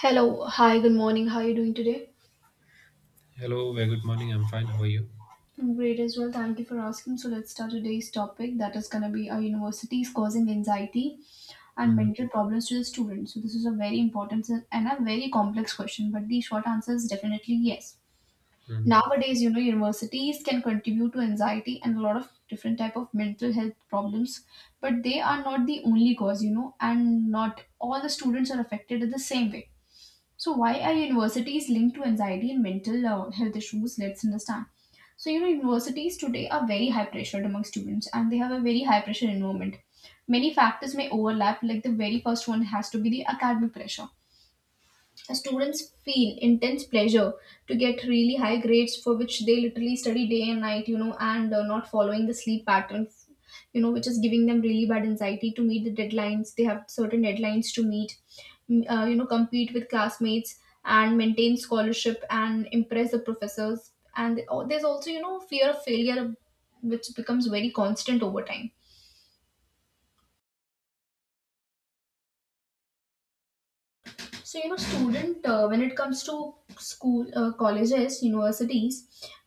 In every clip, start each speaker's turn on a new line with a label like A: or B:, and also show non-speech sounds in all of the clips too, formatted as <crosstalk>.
A: Hello, hi, good morning. How are you doing today?
B: Hello, very good morning. I'm fine. How are you?
A: I'm great as well. Thank you for asking. So let's start today's topic, that is going to be our universities causing anxiety and
B: Mhm,
A: mental problems to the students. So this is a very important and a very complex question, but the short answer is definitely yes.
B: mhm.
A: Nowadays, you know, universities can contribute to anxiety and a lot of different type of mental health problems, but they are not the only cause, you know, and not all the students are affected in the same way. So why are universities linked to anxiety and mental health issues? Let's understand. So you know universities today are very high pressured among students, and they have a very high pressure environment. Many factors may overlap. Like the very first one has to be the academic pressure. Students feel intense pleasure to get really high grades, for which they literally study day and night, you know, and not following the sleep pattern, you know, which is giving them really bad anxiety to meet the deadlines. They have certain deadlines to meet, you know, compete with classmates and maintain scholarship and impress the professors. And oh, there's also, you know, fear of failure, which becomes very constant over time. So, you know, student, when it comes to school, colleges, universities,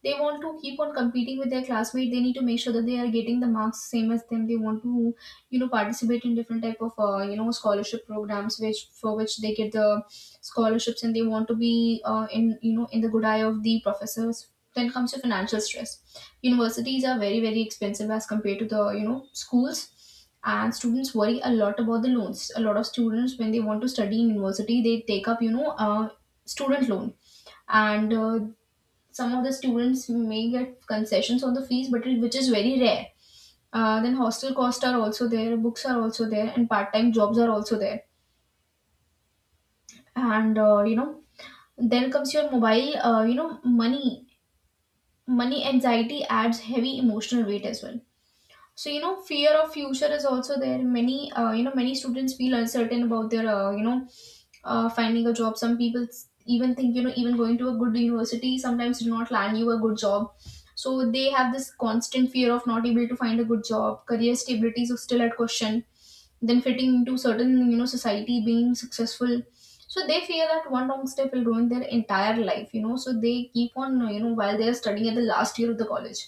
A: they want to keep on competing with their classmates. They need to make sure that they are getting the marks same as them. They want to, you know, participate in different type of you know scholarship programs, which for which they get the scholarships, and they want to be in, you know, in the good eye of the professors. Then comes to financial stress. Universities are very very expensive as compared to the, you know, schools, and students worry a lot about the loans. A lot of students, when they want to study in university, they take up, you know, student loan. And some of the students may get concessions on the fees, but it, which is very rare. Then hostel costs are also there, books are also there, and part-time jobs are also there. And you know, then comes your mobile. You know, money anxiety adds heavy emotional weight as well. So you know fear of future is also there. Many you know many students feel uncertain about their you know finding a job. Some people even think, you know, even going to a good university sometimes do not land you a good job. So they have this constant fear of not able to find a good job. Career stability is still at question. Then fitting into certain, you know, society, being successful. So they fear that one wrong step will ruin their entire life, you know. So they keep on, you know, while they are studying at the last year of the college,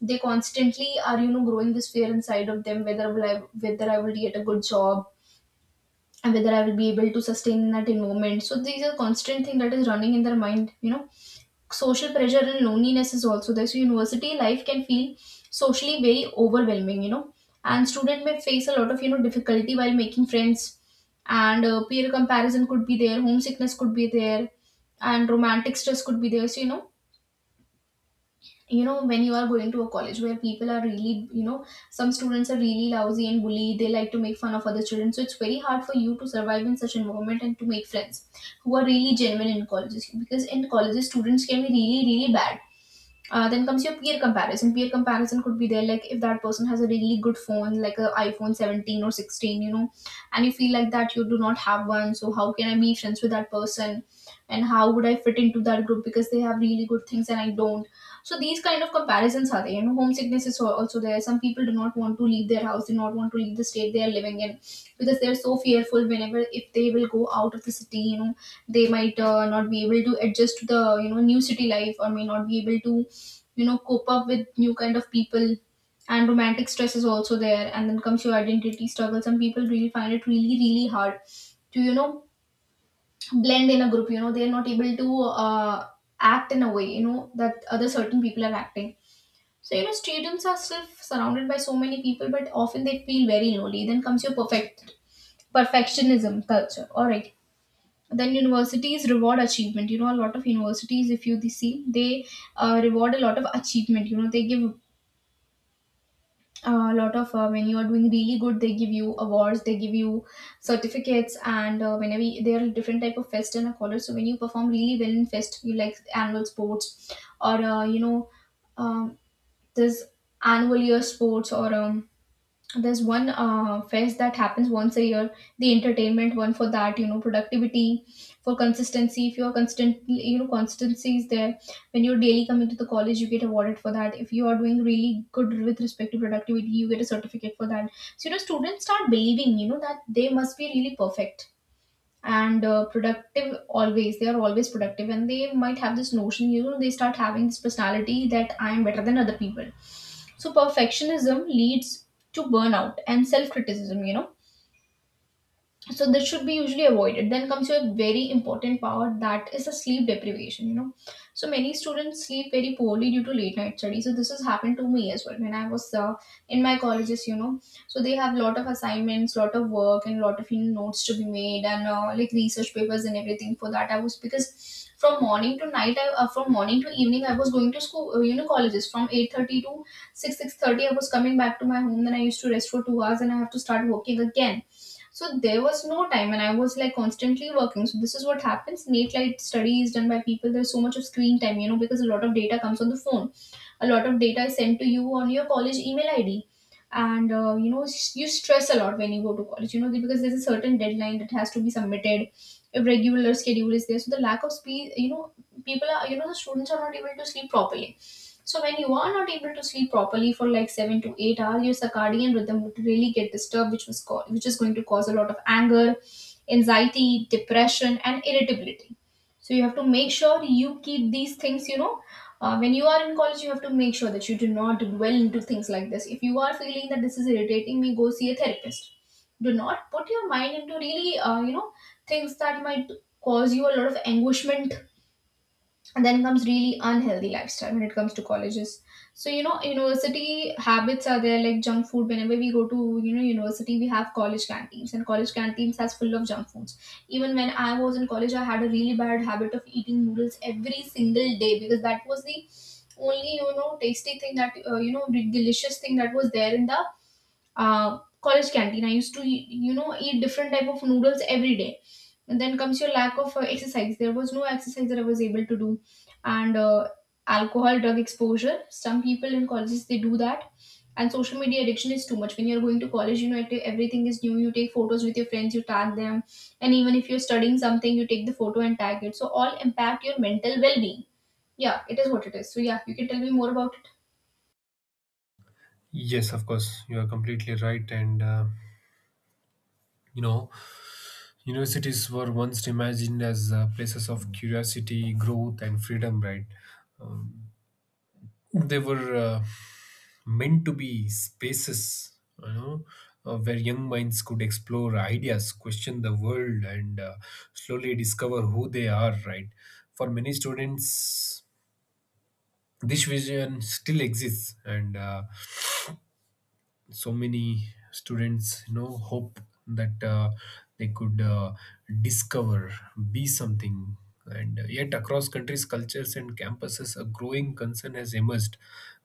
A: they constantly are, you know, growing this fear inside of them, whether I will get a good job, and whether I will be able to sustain in that environment. So these are constant thing that is running in their mind. You know, social pressure and loneliness is also there. So university life can feel socially very overwhelming. You know, and student may face a lot of, you know, difficulty while making friends, and peer comparison could be there, homesickness could be there, and romantic stress could be there. So you know when you are going to a college where people are really, you know, some students are really lousy and bully, they like to make fun of other children. So it's very hard for you to survive in such environment and to make friends who are really genuine in colleges, because in colleges students can be really really bad. Then comes your peer comparison. Peer comparison could be there, like if that person has a really good phone, like a iPhone 17 or 16, you know, and you feel like that you do not have one, so how can I be friends with that person, and how would I fit into that group because they have really good things and I don't. So these kind of comparisons are there. You know, homesickness is also there. Some people do not want to leave their house, do not want to leave the state they are living in, because they are so fearful. Whenever if they will go out of the city, you know, they might not be able to adjust to the, you know, new city life, or may not be able to, you know, cope up with new kind of people. And romantic stress is also there. And then comes your identity struggle. Some people really find it really really hard to, you know, blend in a group, you know, they're not able to uh, act in a way, you know, that other certain people are acting. So you know stadiums are still surrounded by so many people, but often they feel very lonely. Then comes your perfectionism culture. All right. Then universities reward achievement, you know. A lot of universities, if you see, they reward a lot of achievement. You know, they give a lot of when you are doing really good, they give you awards, they give you certificates, and whenever you, there are different type of fest and a college. So when you perform really well in fest, you like annual sports or you know, um, this annual year sports, or there's one fest that happens once a year, the entertainment one. For that, you know, productivity, for consistency, if you're constantly, you know, constancy is there, when you're daily coming to the college, you get awarded for that. If you are doing really good with respect to productivity, you get a certificate for that. So you know students start believing, you know, that they must be really perfect and productive always, they are always productive, and they might have this notion, you know, they start having this personality that I am better than other people. So perfectionism leads to burnout and self criticism, you know. So this should be usually avoided. Then comes your very important power, that is the sleep deprivation, you know. So many students sleep very poorly due to late night study. So this has happened to me as well, when I was in my colleges, you know. So they have lot of assignments, lot of work, and lot of, you know, notes to be made, and like research papers and everything. For that I was, because from morning to night from morning to evening I was going to school you know colleges from 8:30 to 6 6:30. I was coming back to my home, then I used to rest for 2 hours, and I have to start working again. So there was no time, and I was like constantly working. So this is what happens. Late night study is done by people. There's so much of screen time, you know, because a lot of data comes on the phone. A lot of data is sent to you on your college email ID, and you know you stress a lot when you go to college. You know because there's a certain deadline that has to be submitted. Irregular schedule is there, so the lack of speed, you know, people are you know the students are not able to sleep properly. So when you are not able to sleep properly for like 7 to 8 hours your circadian rhythm would really get disturbed, which is going to cause a lot of anger, anxiety, depression and irritability. So you have to make sure you keep these things, you know. When you are in college, you have to make sure that you do not dwell into things like this. If you are feeling that this is irritating me, go see a therapist. Do not put your mind into really you know things that might cause you a lot of anguishment. And then comes really unhealthy lifestyle when it comes to colleges. So you know university habits are there, like junk food. Whenever we go to, you know, university, we have college canteens, and college canteens has full of junk foods. Even when I was in college, I had a really bad habit of eating noodles every single day, because that was the only, you know, tasty thing that you know, the delicious thing that was there in the college canteen. I used to, you know, eat different type of noodles every day. And then comes your lack of exercise. There was no exercise that I was able to do, and alcohol, drug exposure. Some people in colleges they do that, and social media addiction is too much. When you're going to college, you know it, everything is new. You take photos with your friends, you tag them, and even if you're studying something, you take the photo and tag it. So all impact your mental well-being. Yeah, it is what it is. So yeah, you can tell me more about it.
B: Yes, of course. You are completely right. And, you know, universities were once imagined as places of curiosity, growth, and freedom, right? They were meant to be spaces, you know, where young minds could explore ideas, question the world, and slowly discover who they are, right? For many students, this vision still exists, and so many students hope that they could discover, be something. And Yet across countries, cultures, and campuses, a growing concern has emerged: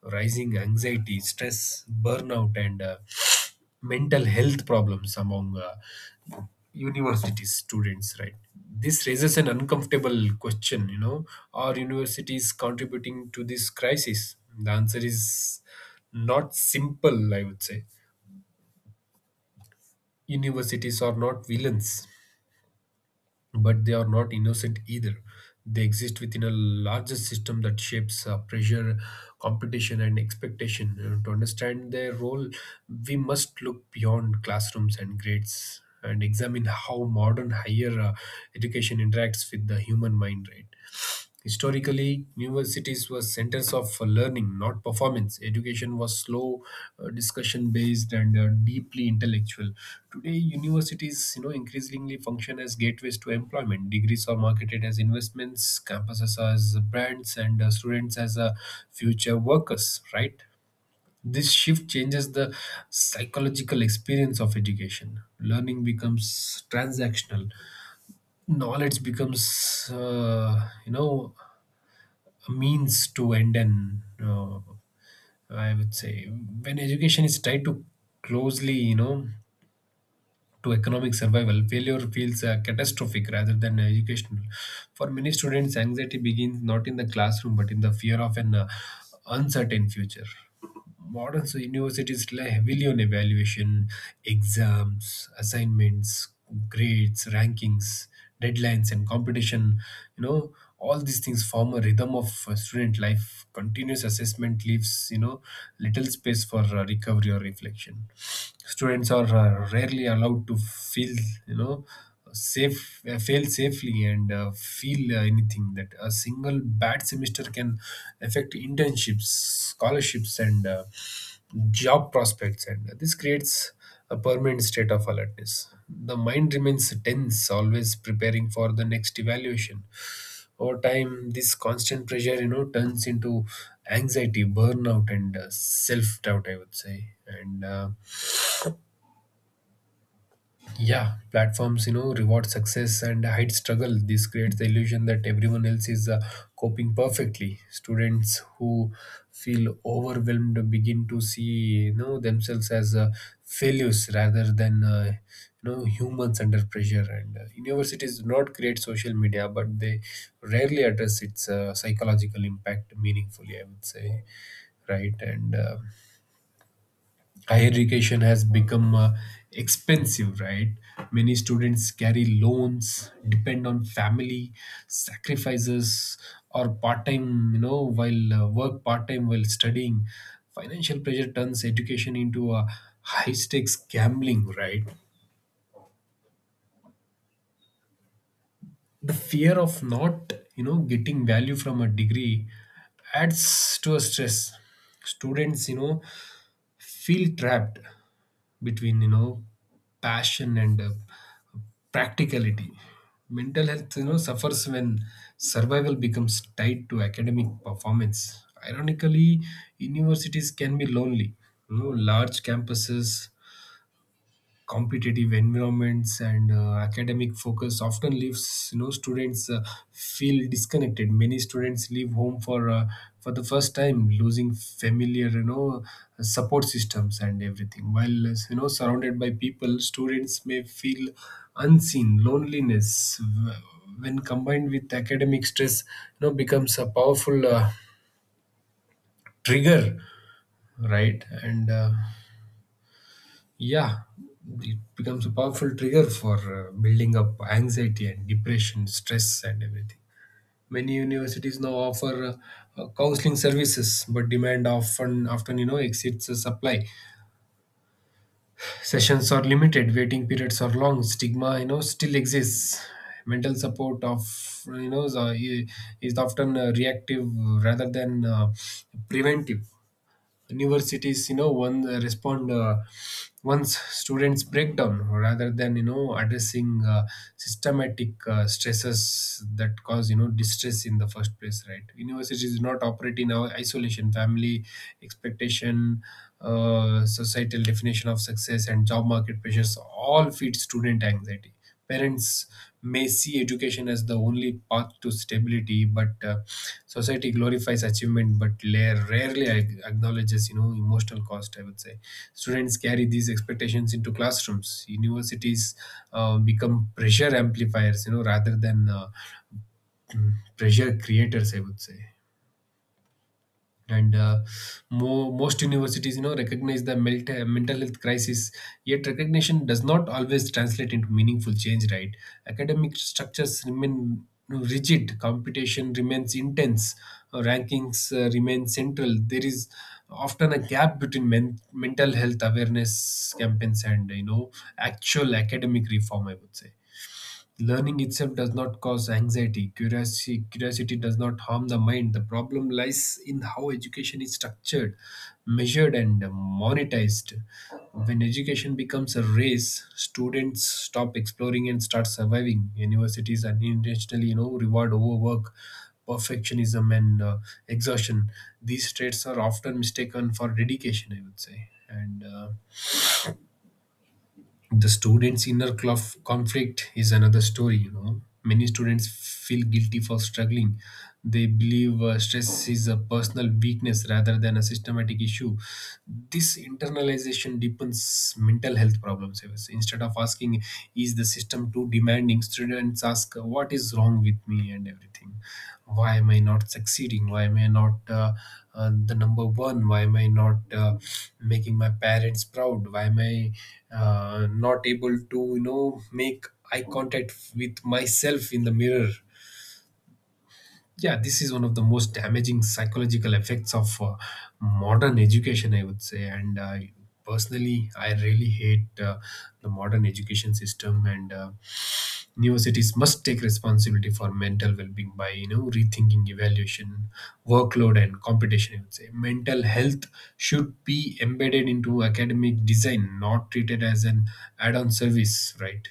B: rising anxiety, stress, burnout, and mental health problems among university students, right? This raises an uncomfortable question, you know. Are universities contributing to this crisis? The answer is not simple, I would say. Universities are not villains, but they are not innocent either. They exist within a larger system that shapes pressure, competition, and expectation. You know, to understand their role, we must look beyond classrooms and grades and examine how modern higher education interacts with the human mind, right? Historically, universities were centers of learning, not performance. Education was slow, discussion based, and deeply intellectual. Today, universities, you know, increasingly function as gateways to employment. Degrees are marketed as investments, campuses as brands, and students as future workers, right? This shift changes the psychological experience of education. Learning becomes transactional. Knowledge becomes, means to end, an I would say. When education is tied to closely, you know, to economic survival, failure feels catastrophic rather than educational. For many students, anxiety begins not in the classroom but in the fear of an uncertain future. Modern universities rely heavily on evaluation: exams, assignments, grades, rankings, deadlines, and competition. You know, all these things form a rhythm of student life. Continuous assessment leaves, you know, little space for recovery or reflection. Students are rarely allowed to feel, you know, safe, fail safely, and feel anything, that a single bad semester can affect internships, scholarships, and job prospects. And this creates a permanent state of alertness. The mind remains tense, always preparing for the next evaluation. Over time, this constant pressure, you know, turns into anxiety, burnout, and self doubt, I would say. And Yeah, platforms, you know, reward success and hide struggle. This creates the illusion that everyone else is coping perfectly. Students who feel overwhelmed begin to see, you know, themselves as failures rather than, humans under pressure. And universities do not create social media, but they rarely address its psychological impact meaningfully, I would say, right? And higher education has become expensive, right? Many students carry loans, depend on family sacrifices, or part time, you know, while work part time while studying. Financial pressure turns education into a high stakes gambling, right? The fear of not, you know, getting value from a degree adds to a stress. Students, you know, feel trapped between, you know, passion and practicality. Mental health, you know, suffers when survival becomes tied to academic performance. Ironically, universities can be lonely, you know. Large campuses, competitive environments, and academic focus often leaves, you know, students feel disconnected. Many students leave home for the first time, losing familiar, you know, support systems and everything. While, you know, surrounded by people, students may feel unseen. Loneliness, when combined with academic stress, you know, becomes a powerful trigger, right? and Yeah, it becomes a powerful trigger for building up anxiety and depression, stress, and everything. Many universities now offer counseling services, but demand often, you know, exceeds the supply. Sessions are limited, waiting periods are long, stigma, you know, still exists. Mental support of, you know, is often reactive rather than preventive. Universities, you know, one respond once students break down, rather than, you know, addressing systematic stresses that cause, you know, distress in the first place, right? Universities do not operate in our isolation. Family expectation, societal definition of success, and job market pressures all feed student anxiety. Parents may see education as the only path to stability, but society glorifies achievement but rarely acknowledges, you know, emotional cost, I would say. Students carry these expectations into classrooms. Universities become pressure amplifiers, you know, rather than pressure creators, I would say. and uh, Most universities, you know, recognize the mental health crisis, yet recognition does not always translate into meaningful change, right? Academic structures remain rigid, competition remains intense, rankings remain central. There is often a gap between mental health awareness campaigns and, you know, actual academic reform, I would say. Learning itself does not cause anxiety. Curiosity does not harm the mind. The problem lies in how education is structured, measured, and monetized. When education becomes a race, students stop exploring and start surviving. Universities unintentionally, you know, reward overwork, perfectionism, and exhaustion. These traits are often mistaken for dedication, I would say. And The students inner conflict is another story, you know. Many students feel guilty for struggling. They believe stress is a personal weakness rather than a systematic issue. This internalization deepens mental health problems. Instead of asking, is the system too demanding, students ask, what is wrong with me, and everything. Why am I not succeeding? Why am I not the number one? Why am I not making my parents proud? Why am I not able to, you know, make eye contact with myself in the mirror? Yeah, this is one of the most damaging psychological effects of modern education, I would say. And Personally, I really hate the modern education system. And Universities must take responsibility for mental well-being by, you know, rethinking evaluation, workload, and competition, I would say. Mental health should be embedded into academic design, not treated as an add-on service, right?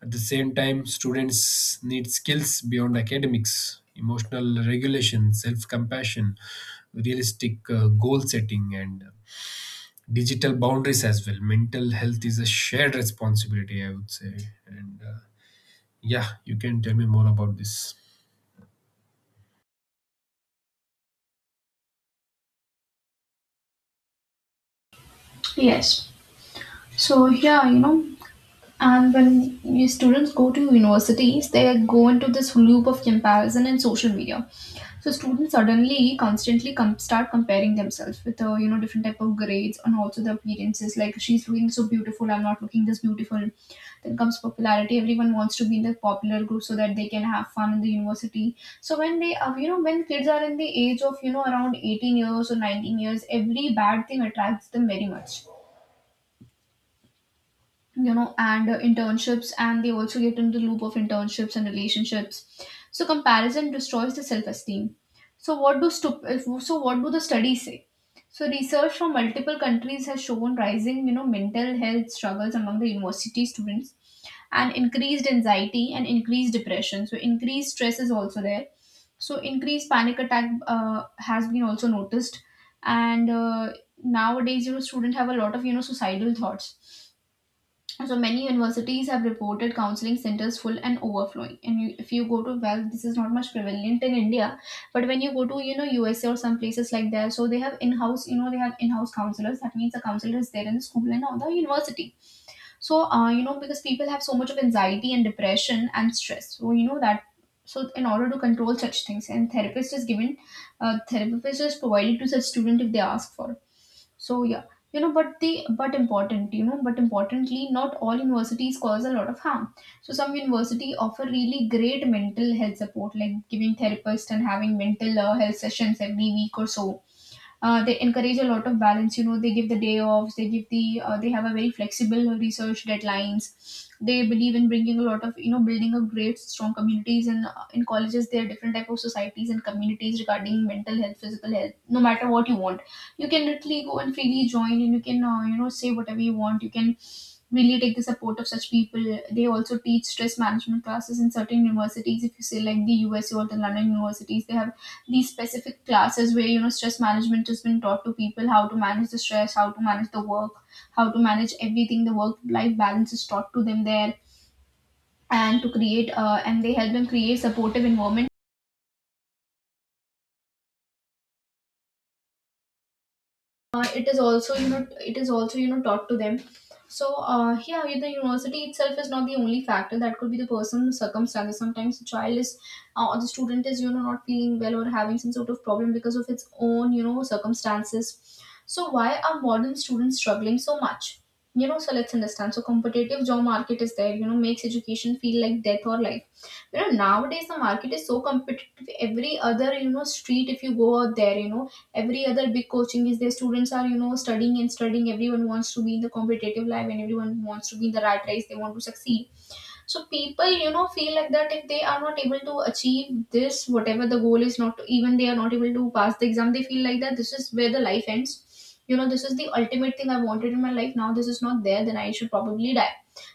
B: At the same time, students need skills beyond academics: emotional regulation, self-compassion, realistic goal setting, and digital boundaries as well. Mental health is a shared responsibility, I would say. And Yeah, you can tell me more about this.
A: Yes. So yeah, and when you students go to universities, they go into this loop of comparison and social media. So students suddenly constantly start comparing themselves with different type of grades and also the appearances. Like she's looking so beautiful, I'm not looking this beautiful. Then comes popularity. Everyone wants to be in the popular group so that they can have fun in the university. So when they are you know when kids are in the age of around 18 years or 19 years, every bad thing attracts them very much. You know and Internships, and they also get into the loop of internships and relationships, so comparison destroys the self-esteem. So what do stu- if- so what do the studies say? So research from multiple countries has shown rising, mental health struggles among the university students, and increased anxiety and increased depression. So increased stress is also there. So increased panic attack has been also noticed. And Nowadays, students have a lot of, suicidal thoughts. So many universities have reported counseling centers full and overflowing. If you go to, well, this is not much prevalent in India, but when you go to, USA or some places like that, so they have in-house, they have in-house counselors. That means the counselor is there in the school and not the university. So because people have so much of anxiety and depression and stress, so you know that so in order to control such things, and therapist is given. Therapist is provided to such student if they ask for. So yeah, you know but the but important you know but importantly, not all universities cause a lot of harm. So some university offer really great mental health support, like giving therapists and having mental health sessions every week or so. They encourage a lot of balance. They give the day offs. They give the They have a very flexible research deadlines. They believe in bringing a lot of, building a great strong communities. And in colleges, there are different type of societies and communities regarding mental health, physical health. No matter what you want, you can literally go and freely join, and you can, say whatever you want. You can really take the support of such people. They also teach stress management classes in certain universities. If you say like the USU or the London universities, they have these specific classes where, stress management has been taught to people: how to manage the stress, how to manage the work, how to manage everything. The work life balance is taught to them there, and to create and they help them create supportive environment. uh, it is also you know it is also, taught to them. So yeah, the university itself is not the only factor. That could be the personal circumstances. Sometimes the child is, or the student is, not feeling well or having some sort of problem because of its own, circumstances. So why are modern students struggling so much? So let's understand. So competitive job market is there, makes education feel like death or life. Nowadays, the market is so competitive. Every other, street if you go out there, every other big coaching is their. Students are, studying and studying. Everyone wants to be in the competitive life, and everyone wants to be in the rat race. They want to succeed. So people, feel like that if they are not able to achieve this, whatever the goal is, not even they are not able to pass the exam, they feel like that this is where the life ends. This is the ultimate thing I wanted in my life. Now this is not there, then I should probably die.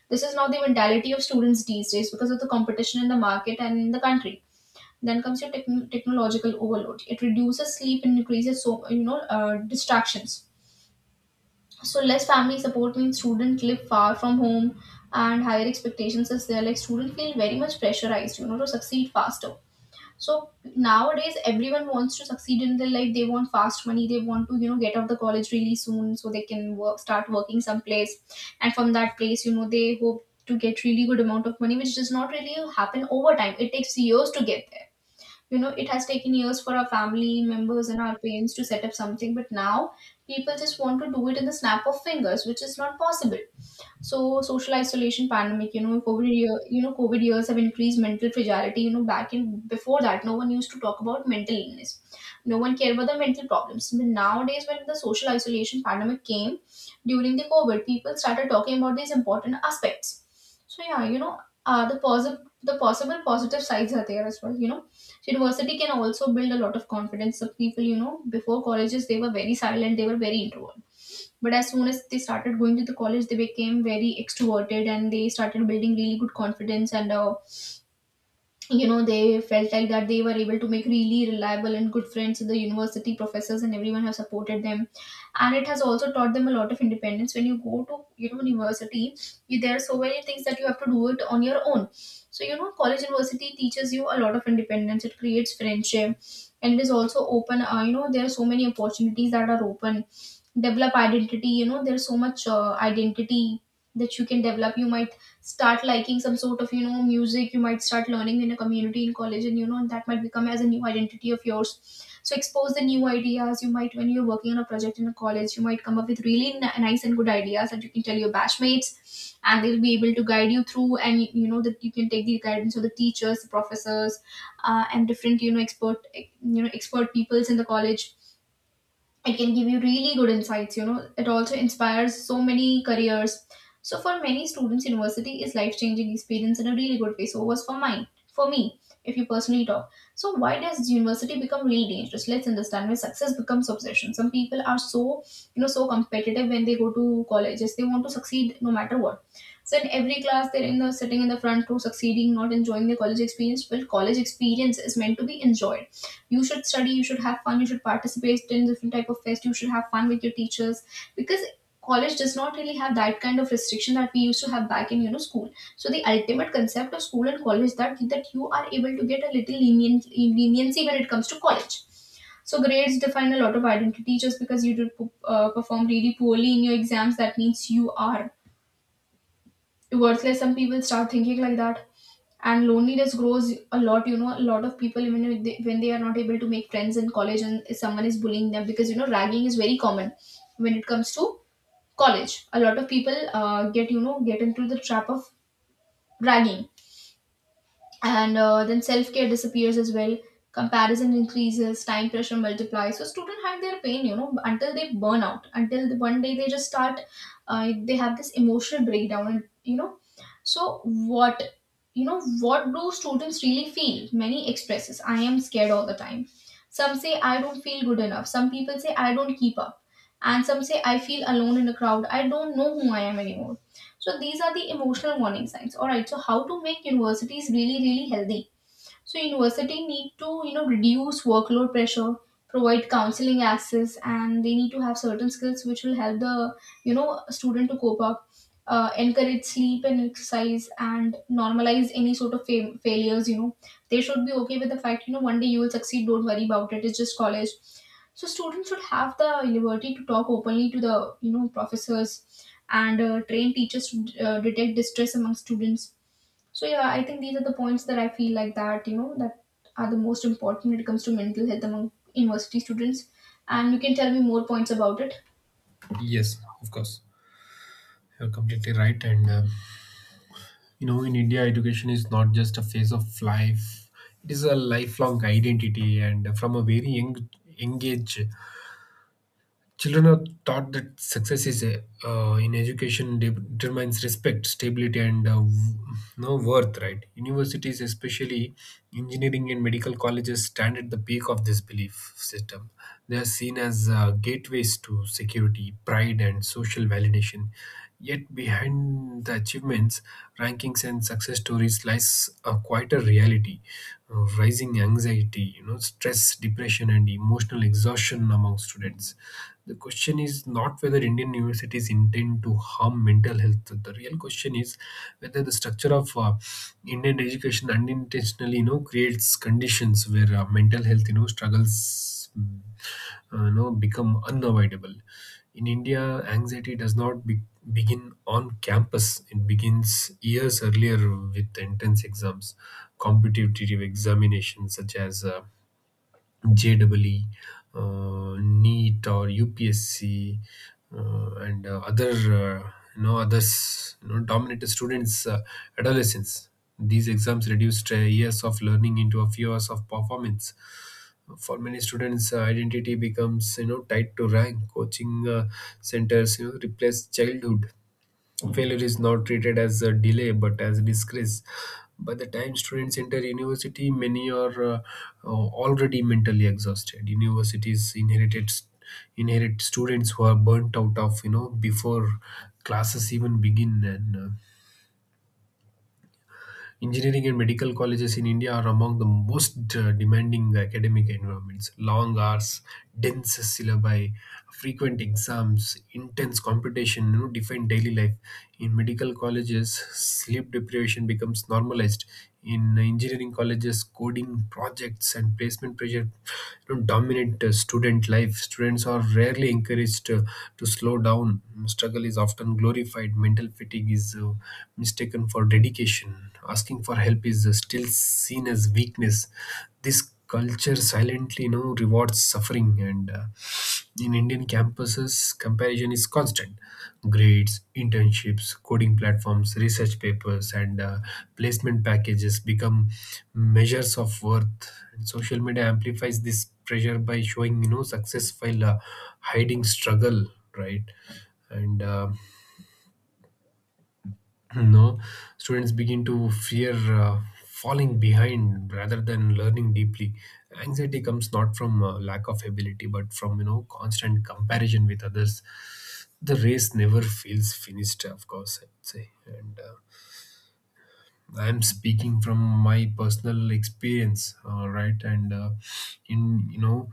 A: This is not the mentality of students these days, because of the competition in the market and in the country. Then comes your technological overload. It reduces sleep and increases, so, distractions. So less family support means students live far from home, and higher expectations is there. Like students feel very much pressurized, you know, to succeed faster. So nowadays, everyone wants to succeed in their life. They want fast money. They want to, get out of the college really soon, so they can work start working someplace, and from that place, they hope to get really good amount of money, which does not really happen over time. It takes years to get there. It has taken years for our family members and our parents to set up something, but now people just want to do it in the snap of fingers, which is not possible. So social isolation, pandemic, you know, COVID year, you know, COVID years have increased mental fragility. You know, back in before that, no one used to talk about mental illness. No one cared about the mental problems. But nowadays, when the social isolation pandemic came during the COVID, people started talking about these important aspects. So yeah, you know, the possible positive sides are there as well. You know, so university can also build a lot of confidence of people. You know, before colleges, they were very silent. They were very introvert, but as soon as they started going to the college, they became very extroverted and they started building really good confidence. And they felt like that they were able to make really reliable and good friends. The university professors and everyone have supported them, and it has also taught them a lot of independence. When you go to, university, there are so many things that you have to do it on your own. So you know, college university teaches you a lot of independence. It creates friendship, and it is also open. You know, there are so many opportunities that are open. Develop identity. There's so much identity that you can develop. You might start liking some sort of, music. You might start learning in a community in college, and that might become as a new identity of yours. So expose the new ideas. You might, when you're working on a project in a college, you might come up with really nice and good ideas that you can tell your batchmates, and they'll be able to guide you through. And that you can take the guidance of the teachers, the professors, and different, expert peoples in the college. It can give you really good insights. It also inspires so many careers. So for many students, university is life changing experience in a really good way. So was for mine. For me, if you personally talk, so why does university become really dangerous? Let's understand. Why success becomes obsession? Some people are so, so competitive, when they go to colleges, they want to succeed no matter what. So in every class, they're in the sitting in the front row, succeeding, not enjoying the college experience. Well, college experience is meant to be enjoyed. You should study, you should have fun, you should participate in different type of fest, you should have fun with your teachers. Because college does not really have that kind of restriction that we used to have back in, school. So the ultimate concept of school and college, that you are able to get a little lenient, leniency when it comes to college. So grades define a lot of identity. Just because you did perform really poorly in your exams, that means you are worthless. Some people start thinking like that. And loneliness grows a lot. A lot of people, even when they are not able to make friends in college and someone is bullying them, because, ragging is very common when it comes to college. A lot of people get, get into the trap of ragging. And then self-care disappears as well. Comparison increases, time pressure multiplies, so students hide their pain, until they burn out, until the one day they just start, they have this emotional breakdown. And so what, what do students really feel? Many expresses, "I am scared all the time." Some say, "I don't feel good enough." Some people say, "I don't keep up." And some say, "I feel alone in a crowd. I don't know who I am anymore." So these are the emotional warning signs. All right. So how to make universities really really healthy? So university need to, reduce workload pressure, provide counseling access, and they need to have certain skills which will help the, student to cope up. Encourage sleep and exercise and normalize any sort of failures. They should be okay with the fact, one day you will succeed, don't worry about it, it's just college. So students should have the liberty to talk openly to the, professors. And train teachers to detect distress among students. So yeah, I think these are the points that I feel like that, you know, that are the most important when it comes to mental health among university students. And you can tell me more points about it.
B: Yes, of course. You're completely right. And in India, education is not just a phase of life, it is a lifelong identity. And from a very young age, children are taught that success is a, in education determines respect, stability, and no worth, right? Universities, especially engineering and medical colleges, stand at the peak of this belief system. They are seen as gateways to security, pride, and social validation. Yet, behind the achievements, rankings, and success stories lies a quieter reality: rising anxiety, you know, stress, depression, and emotional exhaustion among students. The question is not whether Indian universities intend to harm mental health. The real question is whether the structure of Indian education unintentionally, you know, creates conditions where mental health, you know, struggles, you know, become unavoidable. In India, anxiety does not begin on campus. It begins years earlier with entrance exams, competitive examinations such as. JEE, NEET, or UPSC, and other you know others, you know, dominated students' adolescence. These exams reduced years of learning into a few hours of performance. For many students, identity becomes, you know, tied to rank. Coaching centers, you know, replace childhood. Failure is not treated as a delay but as a disgrace. By the time students enter university, many are uh, already mentally exhausted. Universities inherit students who are burnt out of, you know, before classes even begin. And Engineering and medical colleges in India are among the most demanding academic environments. Long hours, dense syllabi, frequent exams, intense competition, you know, define daily life. In medical colleges, sleep deprivation becomes normalized. In engineering colleges, coding projects, grades, and placement pressure, you know, dominate student life. Students are rarely encouraged to slow down. Struggle is often glorified. Mental fatigue is mistaken for dedication. Asking for help is still seen as weakness. This culture silently, you know, rewards suffering. And In Indian campuses, comparison is constant. Grades, internships, coding platforms, research papers, and placement packages become measures of worth. And social media amplifies this pressure by showing, you know, success while hiding struggle, right? And <clears throat> no, students begin to fear falling behind rather than learning deeply. Anxiety comes not from lack of ability but from constant comparison with others. The race never feels finished, of course, I'd say. And I'm speaking from my personal experience, all right? and in you know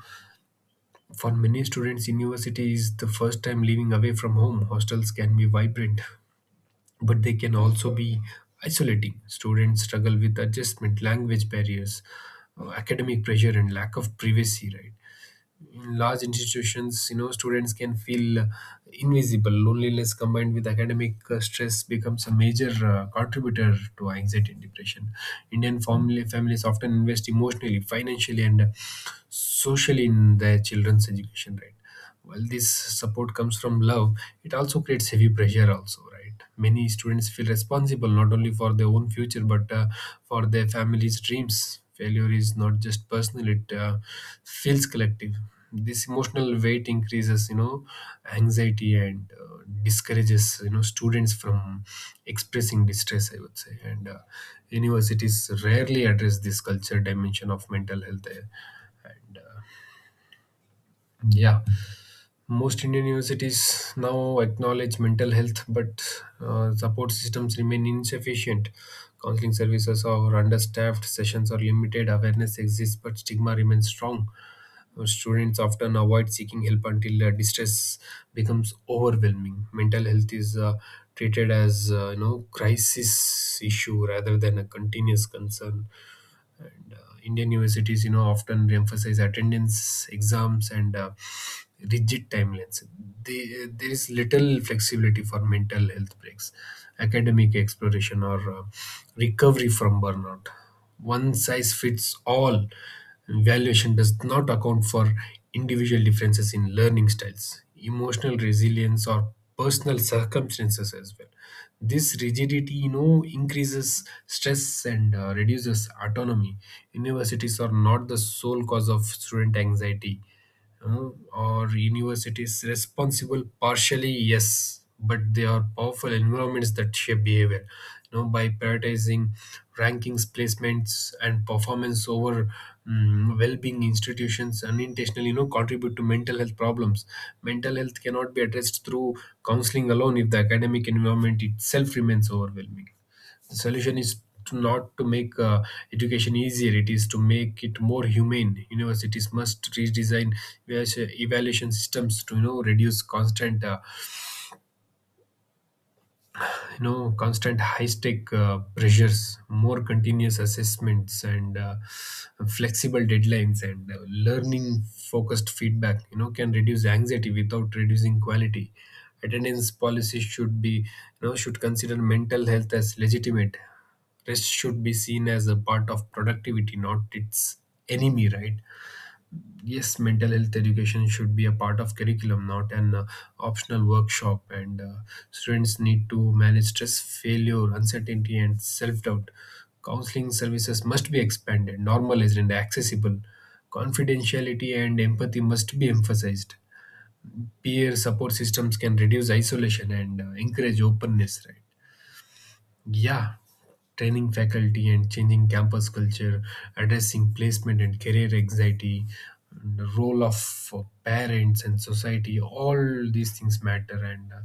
B: For many students, university is the first time living away from home. Hostels can be vibrant, but they can also be isolating. Students struggle with adjustment, language barriers, academic pressure, and lack of privacy, right? In large institutions, you know, students can feel invisible. Loneliness combined with academic stress becomes a major contributor to anxiety and depression. Indian family families often invest emotionally, financially, and socially in their children's education, right? While this support comes from love, it also creates heavy pressure also, right? Many students feel responsible not only for their own future but for their family's dreams. Failure is not just personal, it feels collective. This emotional weight increases, you know, anxiety and discourages, you know, students from expressing distress, I would say. And universities rarely address this culture dimension of mental health and yeah. Most Indian universities now acknowledge mental health, but support systems remain insufficient. Counseling services are understaffed, sessions are limited, awareness exists, but stigma remains strong. Students often avoid seeking help until distress becomes overwhelming. Mental health is treated as you know, crisis issue rather than a continuous concern. And Indian universities, you know, often emphasize attendance, exams, and rigid timelines. There is little flexibility for mental health breaks, academic exploration, or recovery from burnout. One size fits all evaluation does not account for individual differences in learning styles, emotional resilience, or personal circumstances as well. This rigidity, you know, increases stress and reduces autonomy. Universities are not the sole cause of student anxiety. uh, or universities responsible? Partially, yes, but they are powerful environments that shape behavior. You know, by prioritizing rankings, placements, and performance over well-being, institutions unintentionally, you know, contribute to mental health problems. Mental health cannot be addressed through counseling alone if the academic environment itself remains overwhelming. The solution is to not to make education easier, it is to make it more humane. Universities must redesign evaluation systems to, you know, reduce constant constant high stake pressures. More continuous assessments and flexible deadlines and learning focused feedback, you know, can reduce anxiety without reducing quality. Attendance policies should be, you know, should consider mental health as legitimate. Rest should be seen as a part of productivity, not its enemy, right? Yes, mental health education should be a part of curriculum, not an optional workshop. And students need to manage stress, failure, uncertainty, and self doubt. Counseling services must be expanded, normalized, and accessible. Confidentiality and empathy must be emphasized. Peer support systems can reduce isolation and encourage openness, right? Yeah, training faculty and changing campus culture, addressing placement and career anxiety, and the role of parents and society, all these things matter. And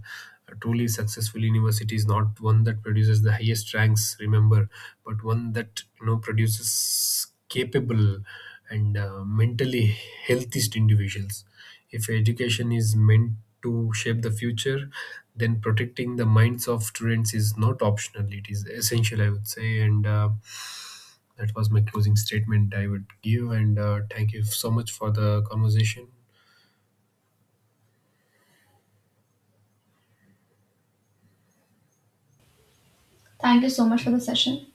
B: a truly successful university is not one that produces the highest ranks, remember, but one that, you know, produces capable and mentally healthiest individuals. If education is meant to shape the future, then protecting the minds of students is not optional, it is essential, I would say. And that was my closing statement I would give. And thank you so much for the conversation.
A: Thank you so much for the session.